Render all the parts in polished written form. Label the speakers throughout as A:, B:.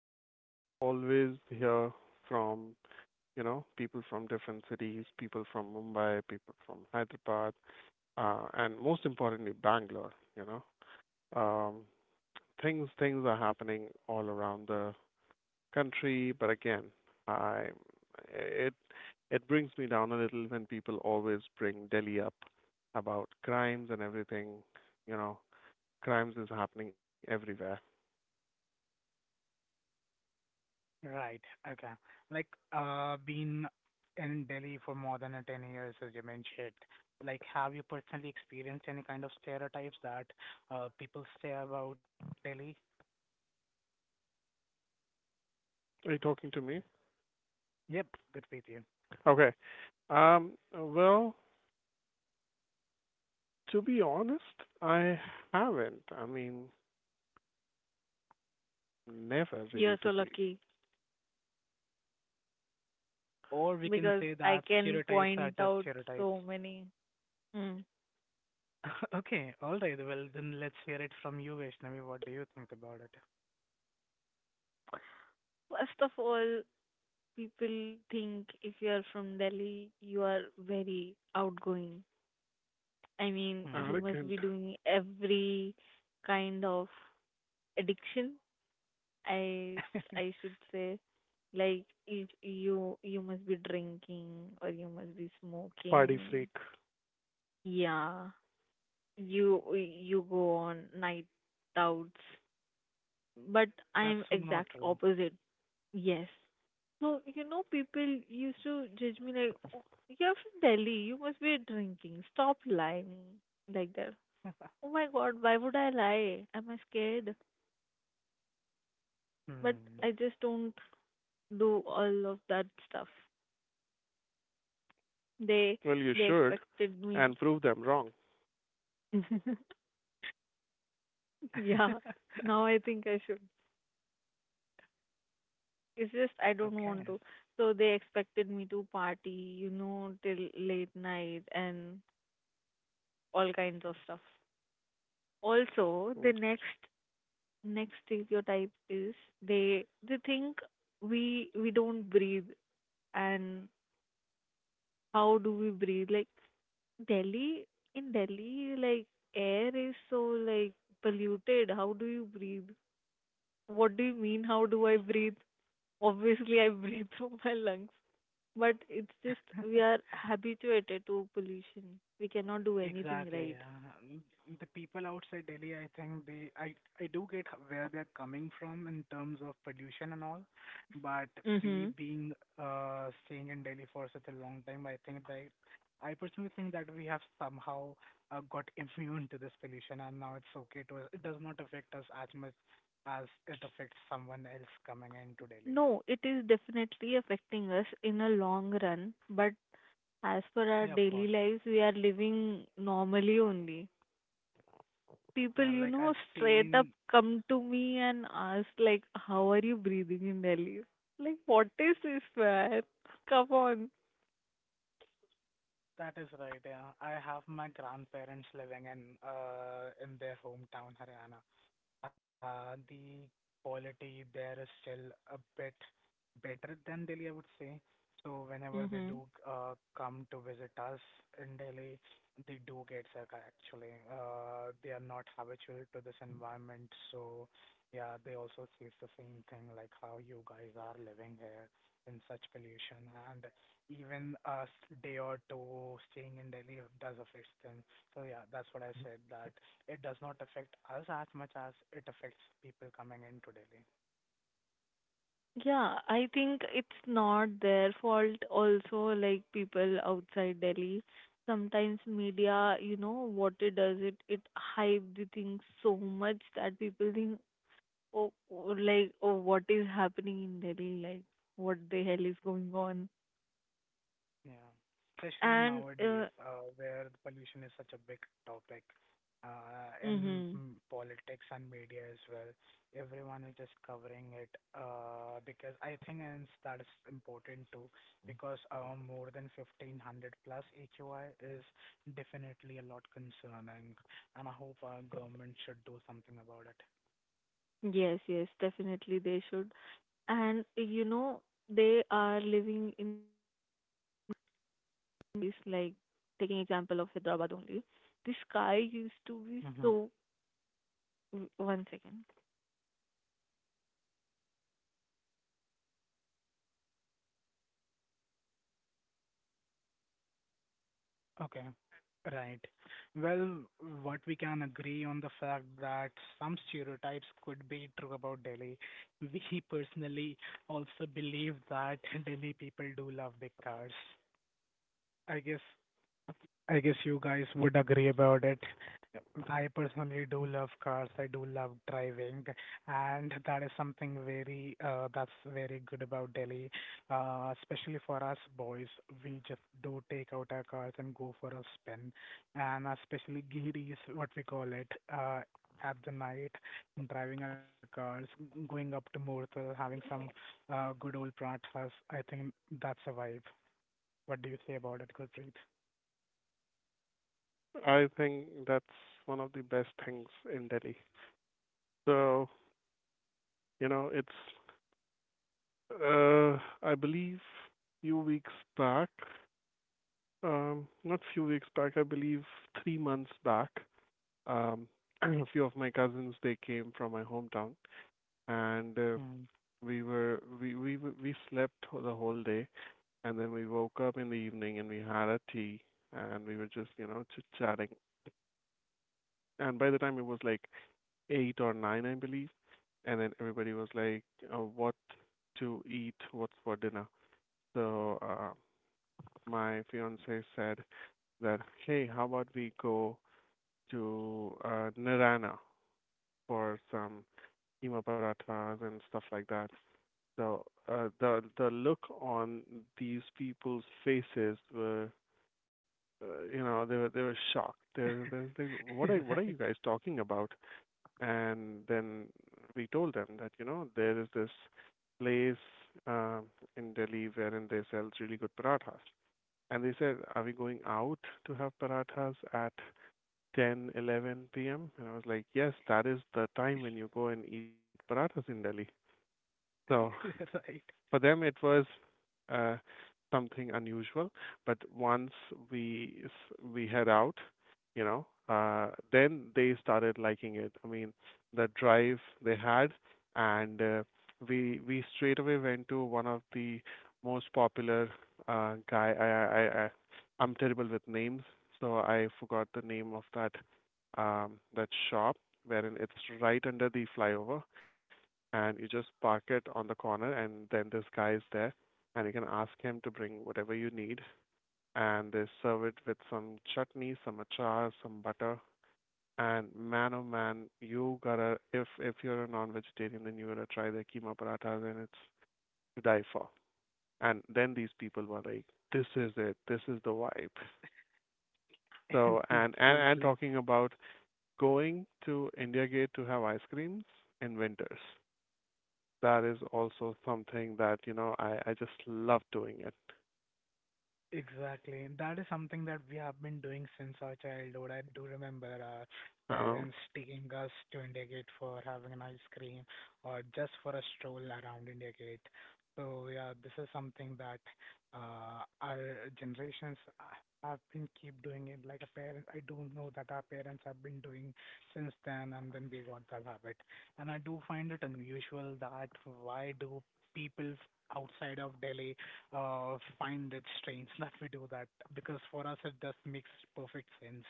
A: what I always hear from, people from different cities, people from Mumbai, people from Hyderabad, and most importantly, Bangalore, you know. Um, things are happening all around the country, but again, I it it brings me down a little when people always bring Delhi up about crimes and everything, you know. Crimes is happening everywhere.
B: Right. Okay. Like, been in Delhi for more than 10 years, as you mentioned. Like, have you personally experienced any kind of stereotypes that people say about Delhi?
A: Are you talking to me?
B: Yep, good with you.
A: Okay. Well, to be honest, I haven't. I mean, never
C: You're
A: really to
C: so
A: be
C: lucky
B: Or we can
C: because
B: say
C: I
B: that
C: can
B: stereotypes are
C: point
B: just
C: out
B: stereotypes.
C: so many. Mm.
B: Okay, all right. Well, then let's hear it from you, Vaishnavi. What do you think about it?
C: First of all, people think if you are from Delhi, you are very outgoing. I mean, you
B: Hmm.
C: must be
A: arrogant
C: doing every kind of addiction. I I should say, like you must be drinking or you must be
A: party
C: smoking.
A: freak.
C: Yeah, you go on night outs. But
B: That's
C: I'm
B: so not
C: exact
B: true.
C: opposite. Yes. So, you know, people used to judge me like, "Oh, you're from Delhi, you must be drinking, stop lying, like that. Oh my God, why would I lie? Am I scared? But
B: Hmm.
C: I just don't do all of that stuff. They
A: Well, you
C: they
A: should
C: expected me.
A: and prove them wrong.
C: Yeah. Now I think I should. It's just I don't
B: Okay.
C: want to. So they expected me to party, you know, till late night and all kinds of stuff. Also, the next stereotype is they think we don't breathe and how do we breathe? Like Delhi in Delhi, like air is so, like, polluted. How do you breathe? What do you mean? How do I breathe? Obviously, I breathe through my lungs. But it's just we are habituated to pollution. We cannot do anything
B: Exactly.
C: right.
B: The people outside Delhi, I think they, I do get where they're coming from in terms of pollution and all, but we
C: Mm-hmm.
B: being staying in Delhi for such a long time, I personally think that we have somehow got immune to this pollution, and now it's okay to it does not affect us as much as it affects someone else coming into Delhi.
C: No, it is definitely affecting us in a long run, but as per our
B: Yeah, of
C: daily
B: course.
C: lives, we are living normally only. People,
B: Yeah,
C: you
B: like I've
C: know, straight up
B: seen
C: come to me and ask, like, how are you breathing in Delhi? Like, what is this, man? Come on.
B: that is right, yeah. I have my grandparents living in in their hometown, Haryana. The quality there is still a bit better than Delhi, I would say. So whenever they
C: Mm-hmm.
B: do come to visit us in Delhi, they do get sick actually. They are not habitual to this environment, so yeah, they also face the same thing like how you guys are living here in such pollution, and even a day or two staying in Delhi does affect them. So yeah, that's what I said that it does not affect us as much as it affects people coming into Delhi.
C: Yeah, I think it's not their fault also, like people outside Delhi. Sometimes media, you know, what it does, it hype the thing so much that people think, oh, oh, like, oh, what is happening in Delhi? Like, what the hell is going on?
B: Yeah. Especially
C: And,
B: nowadays,
C: uh,
B: where pollution is such a big topic, in
C: hmm
B: politics and media as well. Everyone is just covering it, because I think and that is important too, because more than 1500 plus AQI is definitely a lot concerning, and I hope our government should do something about it.
C: Yes, yes, definitely they should. And, you know, they are living in this, like, taking example of Hyderabad only. The sky used to be
B: Hmm
C: so. W- One second.
B: Okay. Right. Well, what we can agree on the fact that some stereotypes could be true about Delhi. We personally also believe that Delhi people do love big cars. I guess I guess you guys would agree about it. I personally do love cars. I do love driving, and that is something very that's very good about Delhi, especially for us boys. We just do take out our cars and go for a spin, and especially ghiris, what we call it, at the night, driving our cars, going up to Murtal, having some good old prathas. I think that's a vibe. What do you say about it, Gurpreet?
A: I think that's one of the best things in Delhi. So, it's, uh, I believe few weeks back, not few weeks back, I believe 3 months back, um, a few of my cousins, they came from my hometown and
B: Hmm.
A: we slept the whole day, and then we woke up in the evening and we had a tea, and we were just chit chatting. And by the time it was like eight or nine, I believe, and then everybody was like, "What to eat? What's for dinner?" So my fiance said that, "Hey, how about we go to Nirana for some keema parathas and stuff like that?" So the look on these people's faces were, they were shocked. They're, they what are
B: Right.
A: you guys talking about? And then we told them that there is this place um, in Delhi wherein they sell really good parathas. And they said, are we going out to have parathas at ten eleven 11 p.m.? And I was like, yes, that is the time when you go and eat parathas in Delhi. So
B: Right.
A: for them, it was uh, something unusual. But once we head out, then they started liking it. I mean, the drive they had, and we straight away went to one of the most popular guy. I'm terrible with names, so I forgot the name of that that shop wherein it's right under the flyover and you just park it on the corner and then this guy is there and you can ask him to bring whatever you need and they serve it with some chutney, some achar, some butter. And man oh man, you gotta if you're a non vegetarian then you gotta try their keema parathas, and it's to die for. And then these people were like, "This is it, this is the vibe." So and and, and
B: Totally.
A: talking about going to India Gate to have ice creams in winters. That is also something that I just love doing it.
B: Exactly. That is something that we have been doing since our childhood. I do remember our
A: Um,
B: parents taking us to India Gate for having an ice cream or just for a stroll around India Gate. So yeah, this is something that our generations have been keep doing it. Like a parent, I do know that our parents have been doing since then, and then we got that habit. And I do find it unusual that why do people outside of Delhi find it strange that we do that because for us it just makes perfect sense.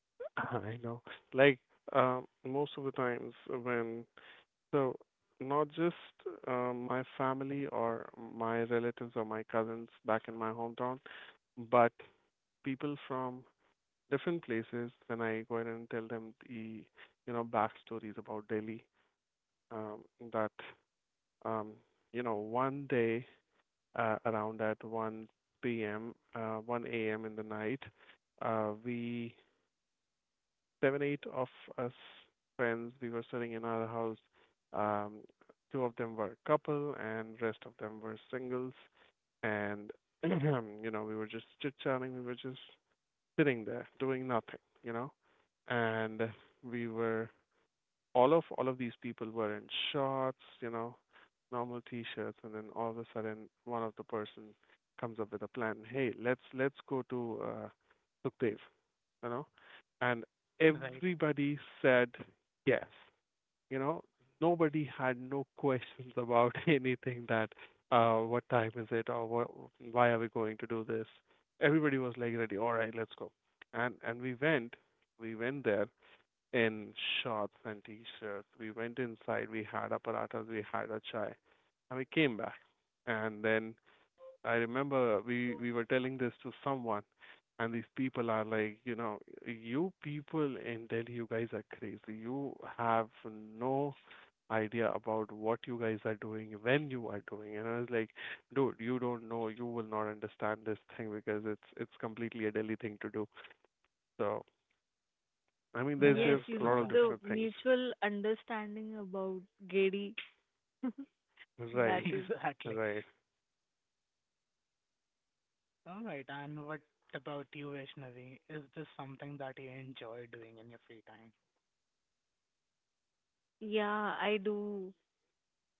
A: I know, like most of the times when so not just my family or my relatives or my cousins back in my hometown, but people from different places. When I go in and tell them the backstories about Delhi, um, that um, one day around at 1 a.m. in the night. We seven, eight of us friends, we were sitting in our house. Um, Two of them were a couple, and rest of them were singles. And we were just chit chatting. We were just sitting there doing nothing. You know, and we were all of these people were in shorts, normal t-shirts, and then all of a sudden, one of the person comes up with a plan. Hey, let's go to Sukdev, you know, and
B: Right.
A: everybody said yes. You know, nobody had no questions about anything that what time is it or what, why are we going to do this. Everybody was like ready. All right, let's go. And we went there, in shorts and t-shirts. We went inside, we had a parathas, we had a chai, and we came back. And then I remember we were telling this to someone, and these people are like, you people in Delhi, you guys are crazy. You have no idea about what you guys are doing, when you are doing. And I was like, dude, you don't know, you will not understand this thing because it's completely a Delhi thing to do. So I mean, there's
C: Yes,
A: there's
B: Right.
C: you
A: a lot
C: know,
A: of
C: the
B: Exactly.
A: different things.
C: mutual understanding about Gedi. That
A: Right.
C: is.
B: Exactly.
A: Right.
B: All right. And what about you, Vaishnavi? Is this something that you enjoy doing in your free time?
C: Yeah, I do.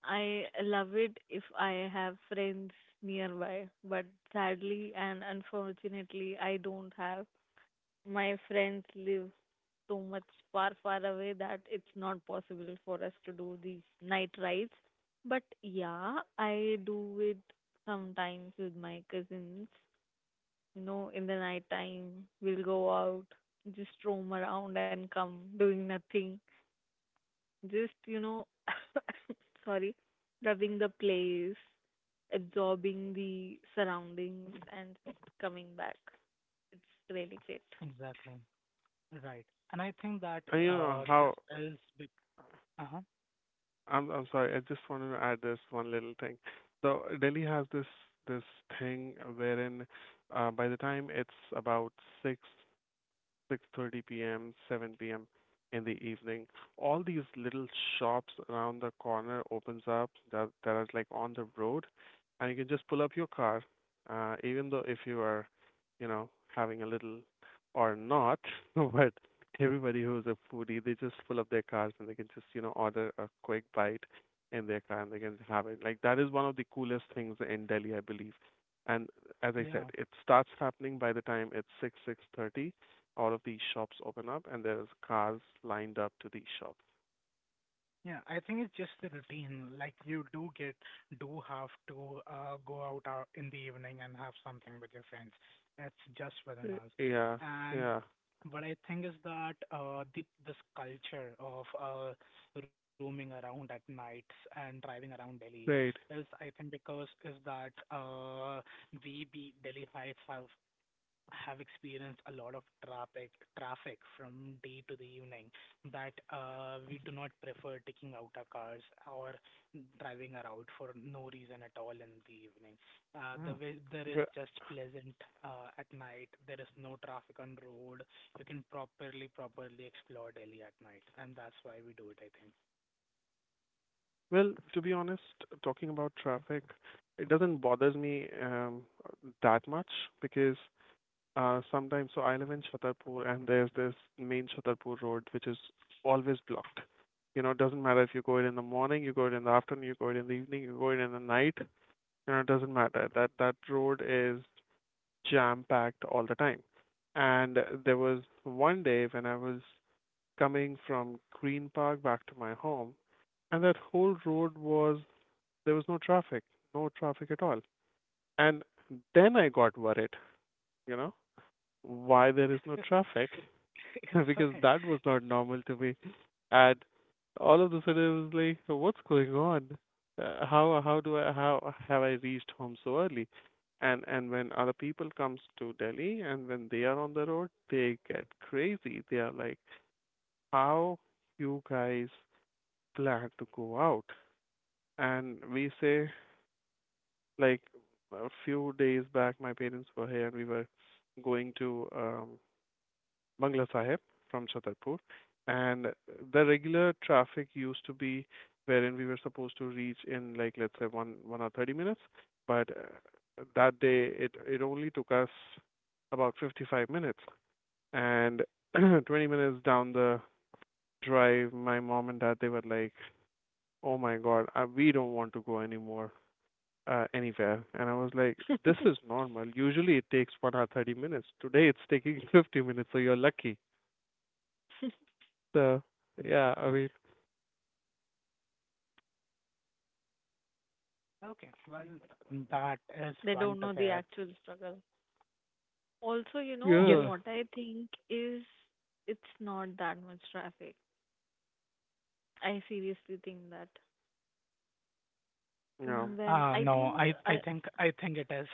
C: I love it if I have friends nearby, but sadly and unfortunately, I don't have. My friends live so much far, far away that it's not possible for us to do these night rides. But yeah, I do it sometimes with my cousins. You know, in the night time, we'll go out, just roam around and come doing nothing just, you know, sorry, loving the place, absorbing the surroundings, and coming back. It's really
B: Exactly. Right. And I think that
A: And you know how
B: this is. Uh huh.
A: I'm sorry, I just wanted to add this one little thing. So Delhi has this thing wherein by the time it's about 6, 6:30 p.m., seven p.m. in the evening, all these little shops around the corner opens up that are like on the road, and you can just pull up your car, even though if you are, having a little or not, but everybody who's a foodie, they just pull up their cars and they can just, order a quick bite in their car and they can have it. Like that is one of the coolest things in Delhi, I believe. And as I said,
B: Yeah.
A: it starts happening by the time it's six, 6:30. All of these shops open up and there's cars lined up to these shops.
B: Yeah, I think it's just the routine. Like you do get, do have to go out in the evening and have something with your friends. It's just within us.
A: Yeah,
B: And
A: yeah,
B: what I think is that this culture of roaming around at nights and driving around Delhi
A: right.
B: is, I think, because is that the Delhi Heights have experienced a lot of traffic from day to the evening that we do not prefer taking out our cars or driving around for no reason at all in the evening. The way there is
A: Ve-
B: just pleasant at night. There is no traffic on road. You can properly explore Delhi at night, and that's why we do it. I think.
A: Well, to be honest, talking about traffic, it doesn't bothers me that much because sometimes, so I live in Chhatarpur, and there's this main Chhatarpur road which is always blocked. It doesn't matter if you go it in the morning, you go it in the afternoon, you go it in the evening, you go it in the night. It doesn't matter. That road is jam-packed all the time. And there was one day when I was coming from Green Park back to my home, and that whole road was, there was no traffic, no traffic at all. And then I got worried, you know, why there is no traffic.
B: It's
A: Because that was not normal to me. And all of a sudden, I was like, What's going on? How have I reached home so early?" And when other people comes to Delhi and when they are on the road, they get crazy. They are like, "How you guys plan to go out?" And we say like a few days back, my parents were here and we were going to Bangla Sahib from Chhatarpur. And the regular traffic used to be wherein we were supposed to reach in like let's say one or thirty minutes, but that day it only took us about 55 minutes. And 20 minutes down the drive, my mom and dad they were like, "Oh my God, we don't want to go anymore." Anywhere, and I was like,
C: great.
A: "This is normal. Usually, it takes 1 or 30 minutes. Today, it's taking 50 minutes. So you're lucky." So yeah, I
B: right.
A: mean,
B: Okay. Well, that is
C: They
B: fun
C: don't
B: to
C: know the
B: hear.
C: actual struggle. Also, you know,
B: Yes,
A: yeah,
C: what I think is it's not that much traffic. I seriously think that.
A: yeah.
C: When I
B: No,
C: think,
B: I
C: I,
B: think I think it is.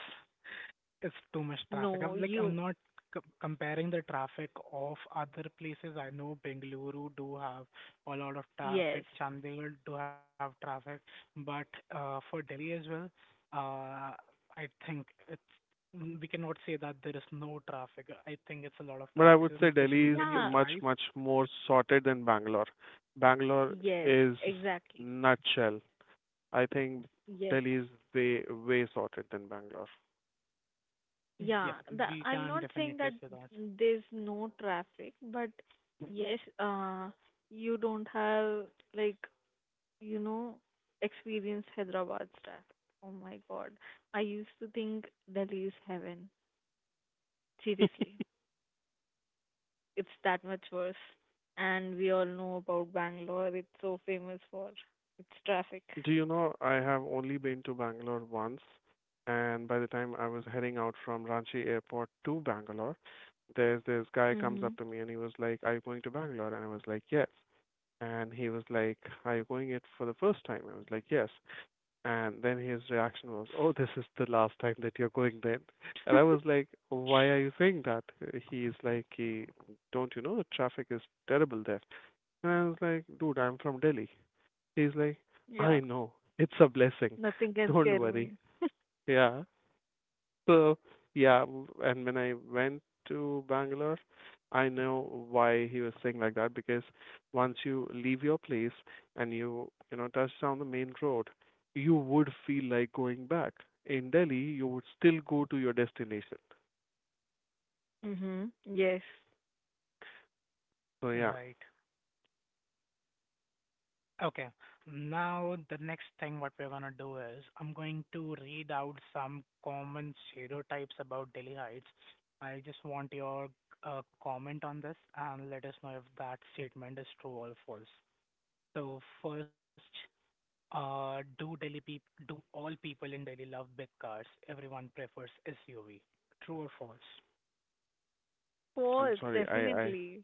B: It's too much traffic.
C: no,
B: I'm like
C: you,
B: I'm not c comparing the traffic of other places. I know Bengaluru do have a lot of
C: yes.
B: traffic, Chandigarh do have traffic, but for Delhi as well, uh, I think it's we cannot say that there is no traffic. I think it's a lot of
A: But I
B: traffic,
A: would say
B: and
A: Delhi
B: especially
A: is
B: when you
C: Yeah,
A: much,
B: drive.
A: much more sorted than Bangalore. Bangalore
C: yes,
A: is
C: exactly.
A: nutshell. I think
C: Yes.
A: Delhi is way, way sorted than Bangalore.
C: Yeah,
B: Yep, we
C: I'm
B: can
C: not saying
B: definitely
C: that
B: say that.
C: there's no traffic, but yes, you don't have, like, you know, experienced Hyderabad's traffic. Oh my God. I used to think Delhi is heaven. Seriously, it's that much worse. And we all know about Bangalore. It's so famous for its traffic.
A: Do you know, I have only been to Bangalore once, and by the time I was heading out from Ranchi airport to Bangalore, there's this guy comes
C: Mm-hmm.
A: up to me and he was like, "Are you going to Bangalore?" And I was like, "Yes." And he was like, "Are you going it for the first time?" I was like, "Yes." And then his reaction was, "Oh, this is the last time that you're going then." And I was like, "Why are you saying that?" He's like, "Don't you know the traffic is terrible there?" And I was like, "Dude, I'm from Delhi." He's like,
C: Yeah,
A: "I know. It's a blessing.
C: nothing can
A: Don't
C: scare
A: worry."
C: me.
A: Yeah. So yeah, and when I went to Bangalore, I know why he was saying like that because once you leave your place and you know touch down the main road, you would feel like going back. In Delhi, you would still go to your destination.
C: Mm-hmm. Yes. Of
A: So yeah,
B: Right. Okay. Now the next thing what we're gonna do is I'm going to read out some common stereotypes about Delhi Heights. I just want your comment on this and let us know if that statement is true or false. So first, uh, do Delhi peop do all people in Delhi love big cars? Everyone prefers SUV. True or false?
A: I'm
C: course,
A: sorry, I I
C: definitely.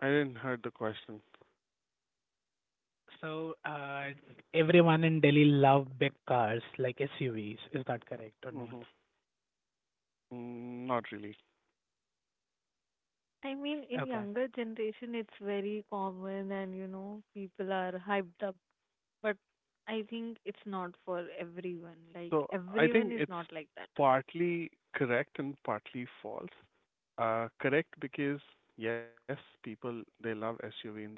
A: I didn't heard the question.
B: So everyone in Delhi love big cars like SUVs. Is that correct or not?
A: Not really.
C: I mean, in
B: Okay.
C: younger generation, it's very common, and you know, people are hyped up. But I think it's not for everyone. Like
A: So I
C: everyone
A: think
C: is
A: it's
C: not like that.
A: partly correct and partly false. Correct because yes, people they love SUV in Delhi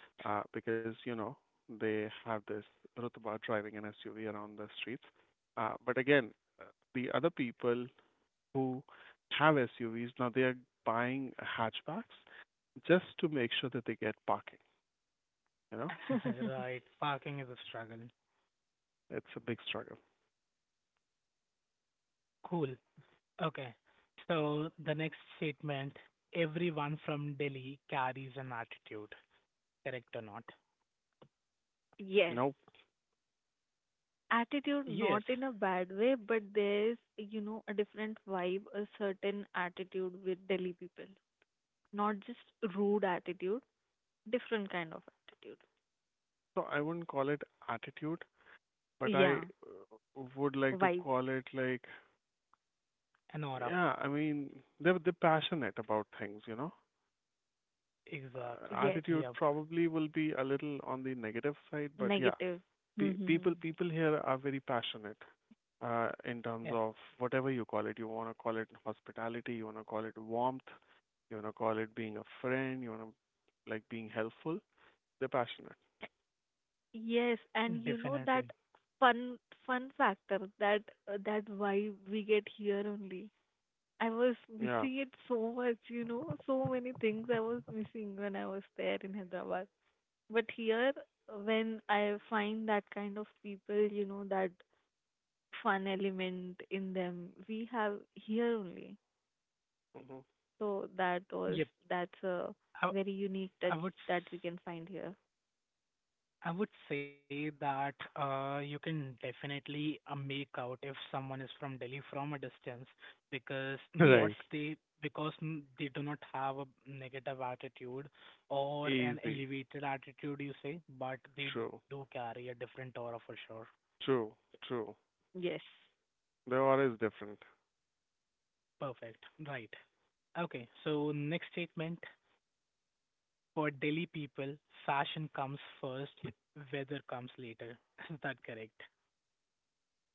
A: because they have this rutba driving an SUV around the streets. But again, uh, the other people who have SUVs now they are buying hatchbacks just to make sure that they get parking. You know,
B: Right, parking is a struggle.
A: it's a big struggle.
B: Cool. Okay. So the next statement, everyone from Delhi carries an attitude, correct or not?
C: Yes.
A: You
C: Attitude,
B: Yes,
C: not in a bad way, but there's, you know, a different vibe, a certain attitude with Delhi people. Not just rude attitude, different kind of attitude.
A: so I wouldn't call it attitude, but I
C: Yeah.
A: would like to
C: Vibe.
A: call it like,
B: an aura.
A: yeah, I mean, they're passionate about things.
B: Exactly.
C: Yes.
A: Attitude
B: Yep.
A: probably will be a little on the negative side, but yeah,
C: Negative.
A: pe- people people here are very passionate in terms
B: Yeah,
A: of whatever you call it. You want to call it hospitality, you want to call it warmth, you want to call it being a friend, you want to like being helpful. They're passionate.
C: Yes, and you know that
B: definitely.
C: fun fun factor that that why we get here only. I was
A: Yeah.
C: missing it so much, you know, so many things I was missing when I was there in Hyderabad. But here, when I find that kind of people, you know, that fun element in them, we have here only.
A: Hmm.
C: So
B: Yep.
C: that's a
B: I,
C: very unique
B: I
C: touch
B: would
C: that we can find here.
B: I would say that you can definitely make out if someone is from Delhi from a distance because
C: Yes,
B: not
A: Right.
B: they because they do not have a negative attitude or an
A: Easy.
B: elevated attitude you say but they do
A: True.
B: carry a different aura for sure.
A: True. True.
C: yes,
A: The aura is different.
B: Perfect. Right. Okay. So next statement for Delhi people, fashion comes first, weather comes later. Is that correct?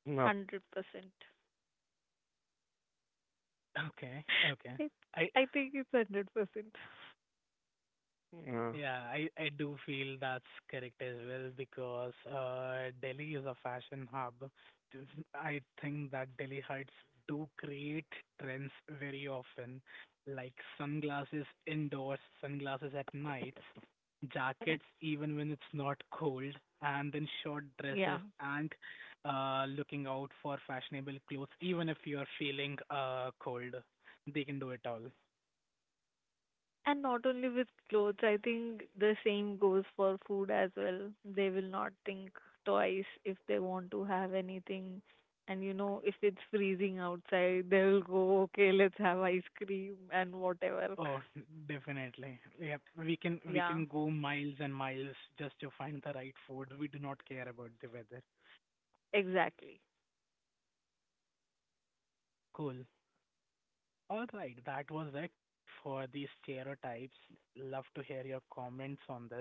A: No.
C: 100%.
B: Okay. Okay.
C: It,
B: I
C: I think it's 100%.
A: Yeah.
B: yeah, I do feel that's correct as well because Delhi is a fashion hub. This- I think that Delhi Heights do create trends very often, like sunglasses indoors, sunglasses at nights, jackets even when it's not cold, and then short
C: Yeah.
B: dresses and looking out for fashionable clothes even if you're feeling cold. They can do it all.
C: And not only with clothes, I think the same goes for food as well. They will not think twice if they want to have anything. And you know, if it's freezing outside, they'll go, okay, let's have ice cream and whatever.
B: Oh, definitely. Yeah, we
C: Yeah,
B: can go miles and miles just to find the right food. We do not care about the weather.
C: exactly.
B: Cool. All right, that was it for these stereotypes. Love to hear your comments on this.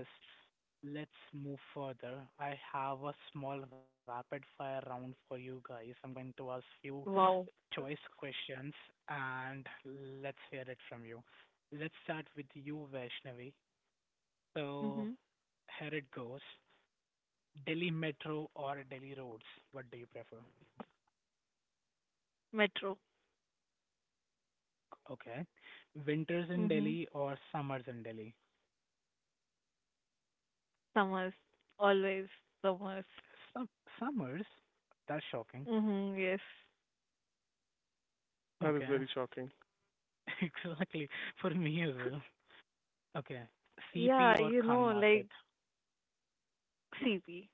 B: Let's move further. I have a small rapid fire round for you guys. I'm going to ask you
C: Wow.
B: choice questions and let's hear it from you. Let's start with you, Vaishnavi. So
C: Mhm.
B: here it goes. Delhi Metro or Delhi roads? What do you prefer?
C: Metro.
B: Okay. Winters in
C: Mhm.
B: Delhi or summers in Delhi?
C: Summers. Always summers.
B: Sum- summers? That's shocking.
C: Mhm. Yes.
A: That is
B: Okay.
A: very shocking.
B: Exactly. For me as well. Okay. CP
C: Yeah,
B: or
C: you
B: Khan
C: know,
B: Market?
C: like CP.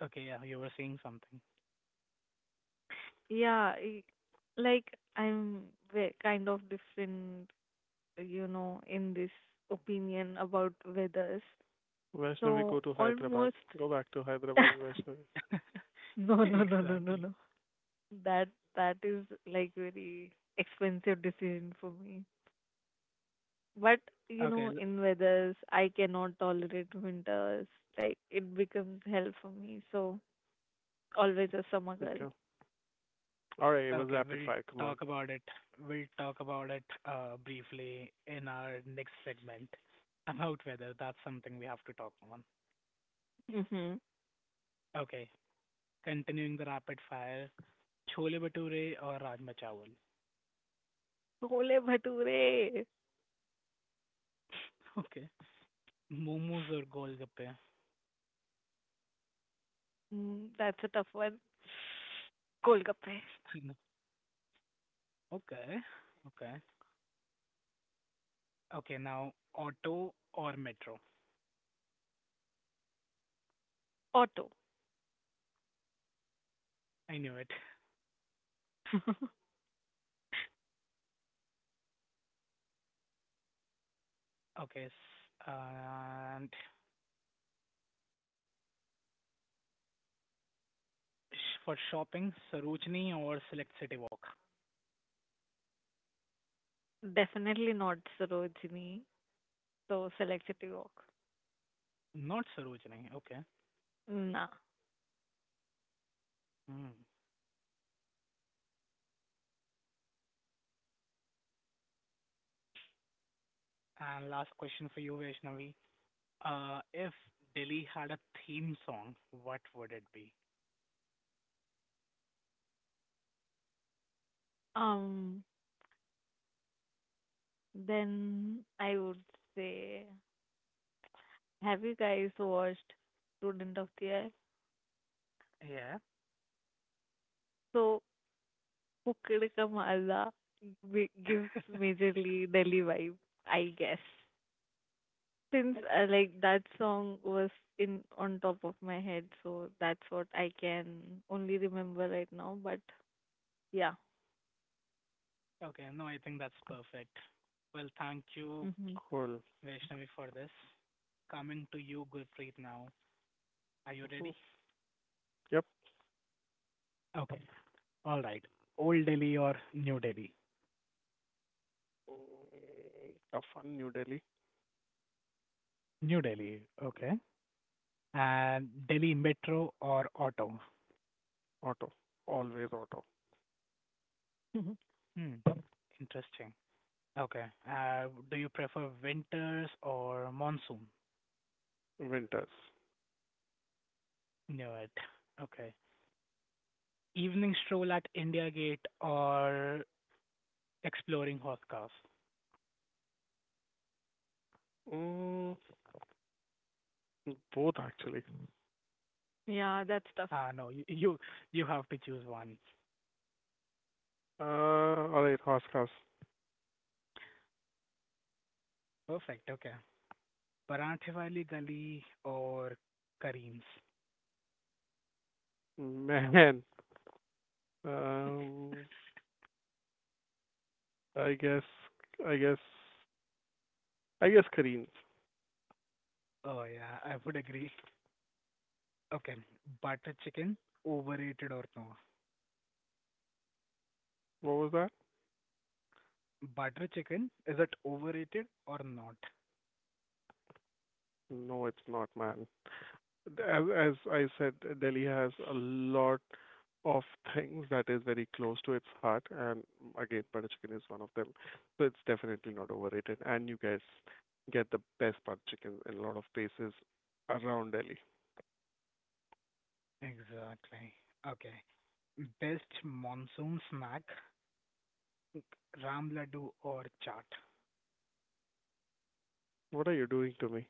B: Okay, yeah, you were saying something.
C: Yeah, i- like I'm kind of different, you know, in this opinion about weathers.
A: Vaishnavi, go
C: So
A: to Hyderabad.
C: almost
A: Go back to Hyderabad, Vaishnavi.
C: no, no, no, no, no,
B: Exactly.
C: no. That that is like very expensive decision for me. But you
B: Okay,
C: know,
B: l-
C: in weathers, I cannot tolerate winters. Like it becomes hell for me. So always a summer girl.
A: Okay. All right, it was
B: okay,
A: rapid
B: we'll
A: fire. Come on.
B: talk about it. We'll talk about it briefly in our next segment about weather. That's something we have to talk on.
C: Mm-hmm.
B: Okay, continuing the rapid fire, chole bhature or rajma chawal?
C: Chole bhature.
B: Okay. Momos or golgappe?
C: Mm, that's a tough one. Golgappe.
B: Okay. Okay. Okay, now auto or metro?
C: Auto.
B: I knew it. Okay. And for shopping, Sarojini or Select City Walk?
C: Definitely not Sarojini. So select City Walk.
B: Not Sarojini. Okay.
C: Nah.
B: Hmm. And last question for you, Vaishnavi. If Delhi had a theme song, what would it be?
C: Um. Then I would say, have you guys watched Student of the Year?
B: Yeah.
C: So Pukad Ka Mala gives majorly Delhi vibe, I guess. Since like that song was in on top of my head, so that's what I can only remember right now. But yeah.
B: Okay. No, I think that's perfect. Well, thank you,
C: Hmm.
A: Cool.
B: Vaishnavi, for this. Coming to you, Gurpreet, now. Are you
A: Mhm.
B: ready?
A: Yep.
B: Okay. All right. Old Delhi or New Delhi?
A: Tough one, New Delhi.
B: New Delhi. Okay. And Delhi metro or auto?
A: Auto. Always auto.
B: Hmm. Interesting. Okay. Do you prefer winters or monsoon?
A: Winters.
B: Knew it. Okay. Evening stroll at India Gate or exploring horse cars?
A: Mm, both, actually.
C: Yeah, that's
B: Ah,
C: tough.
B: no. You you have to choose one.
A: All right, horse cars.
B: Perfect. Okay. Paranthe wali gali or Kareem's?
A: Man. Um, I guess, I guess, I guess Kareem's.
B: Oh yeah, I would agree. Okay. Butter chicken, overrated or no?
A: What was that?
B: Butter chicken, is it overrated or not?
A: No, it's not, man. As as I said, Delhi has a lot of things that is very close to its heart, and again, butter chicken is one of them. So it's definitely not overrated, and you guys get the best butter chicken in a lot of places around Delhi.
B: Exactly. Okay. Best monsoon snack, ram laddu or chaat?
A: What are you doing to me?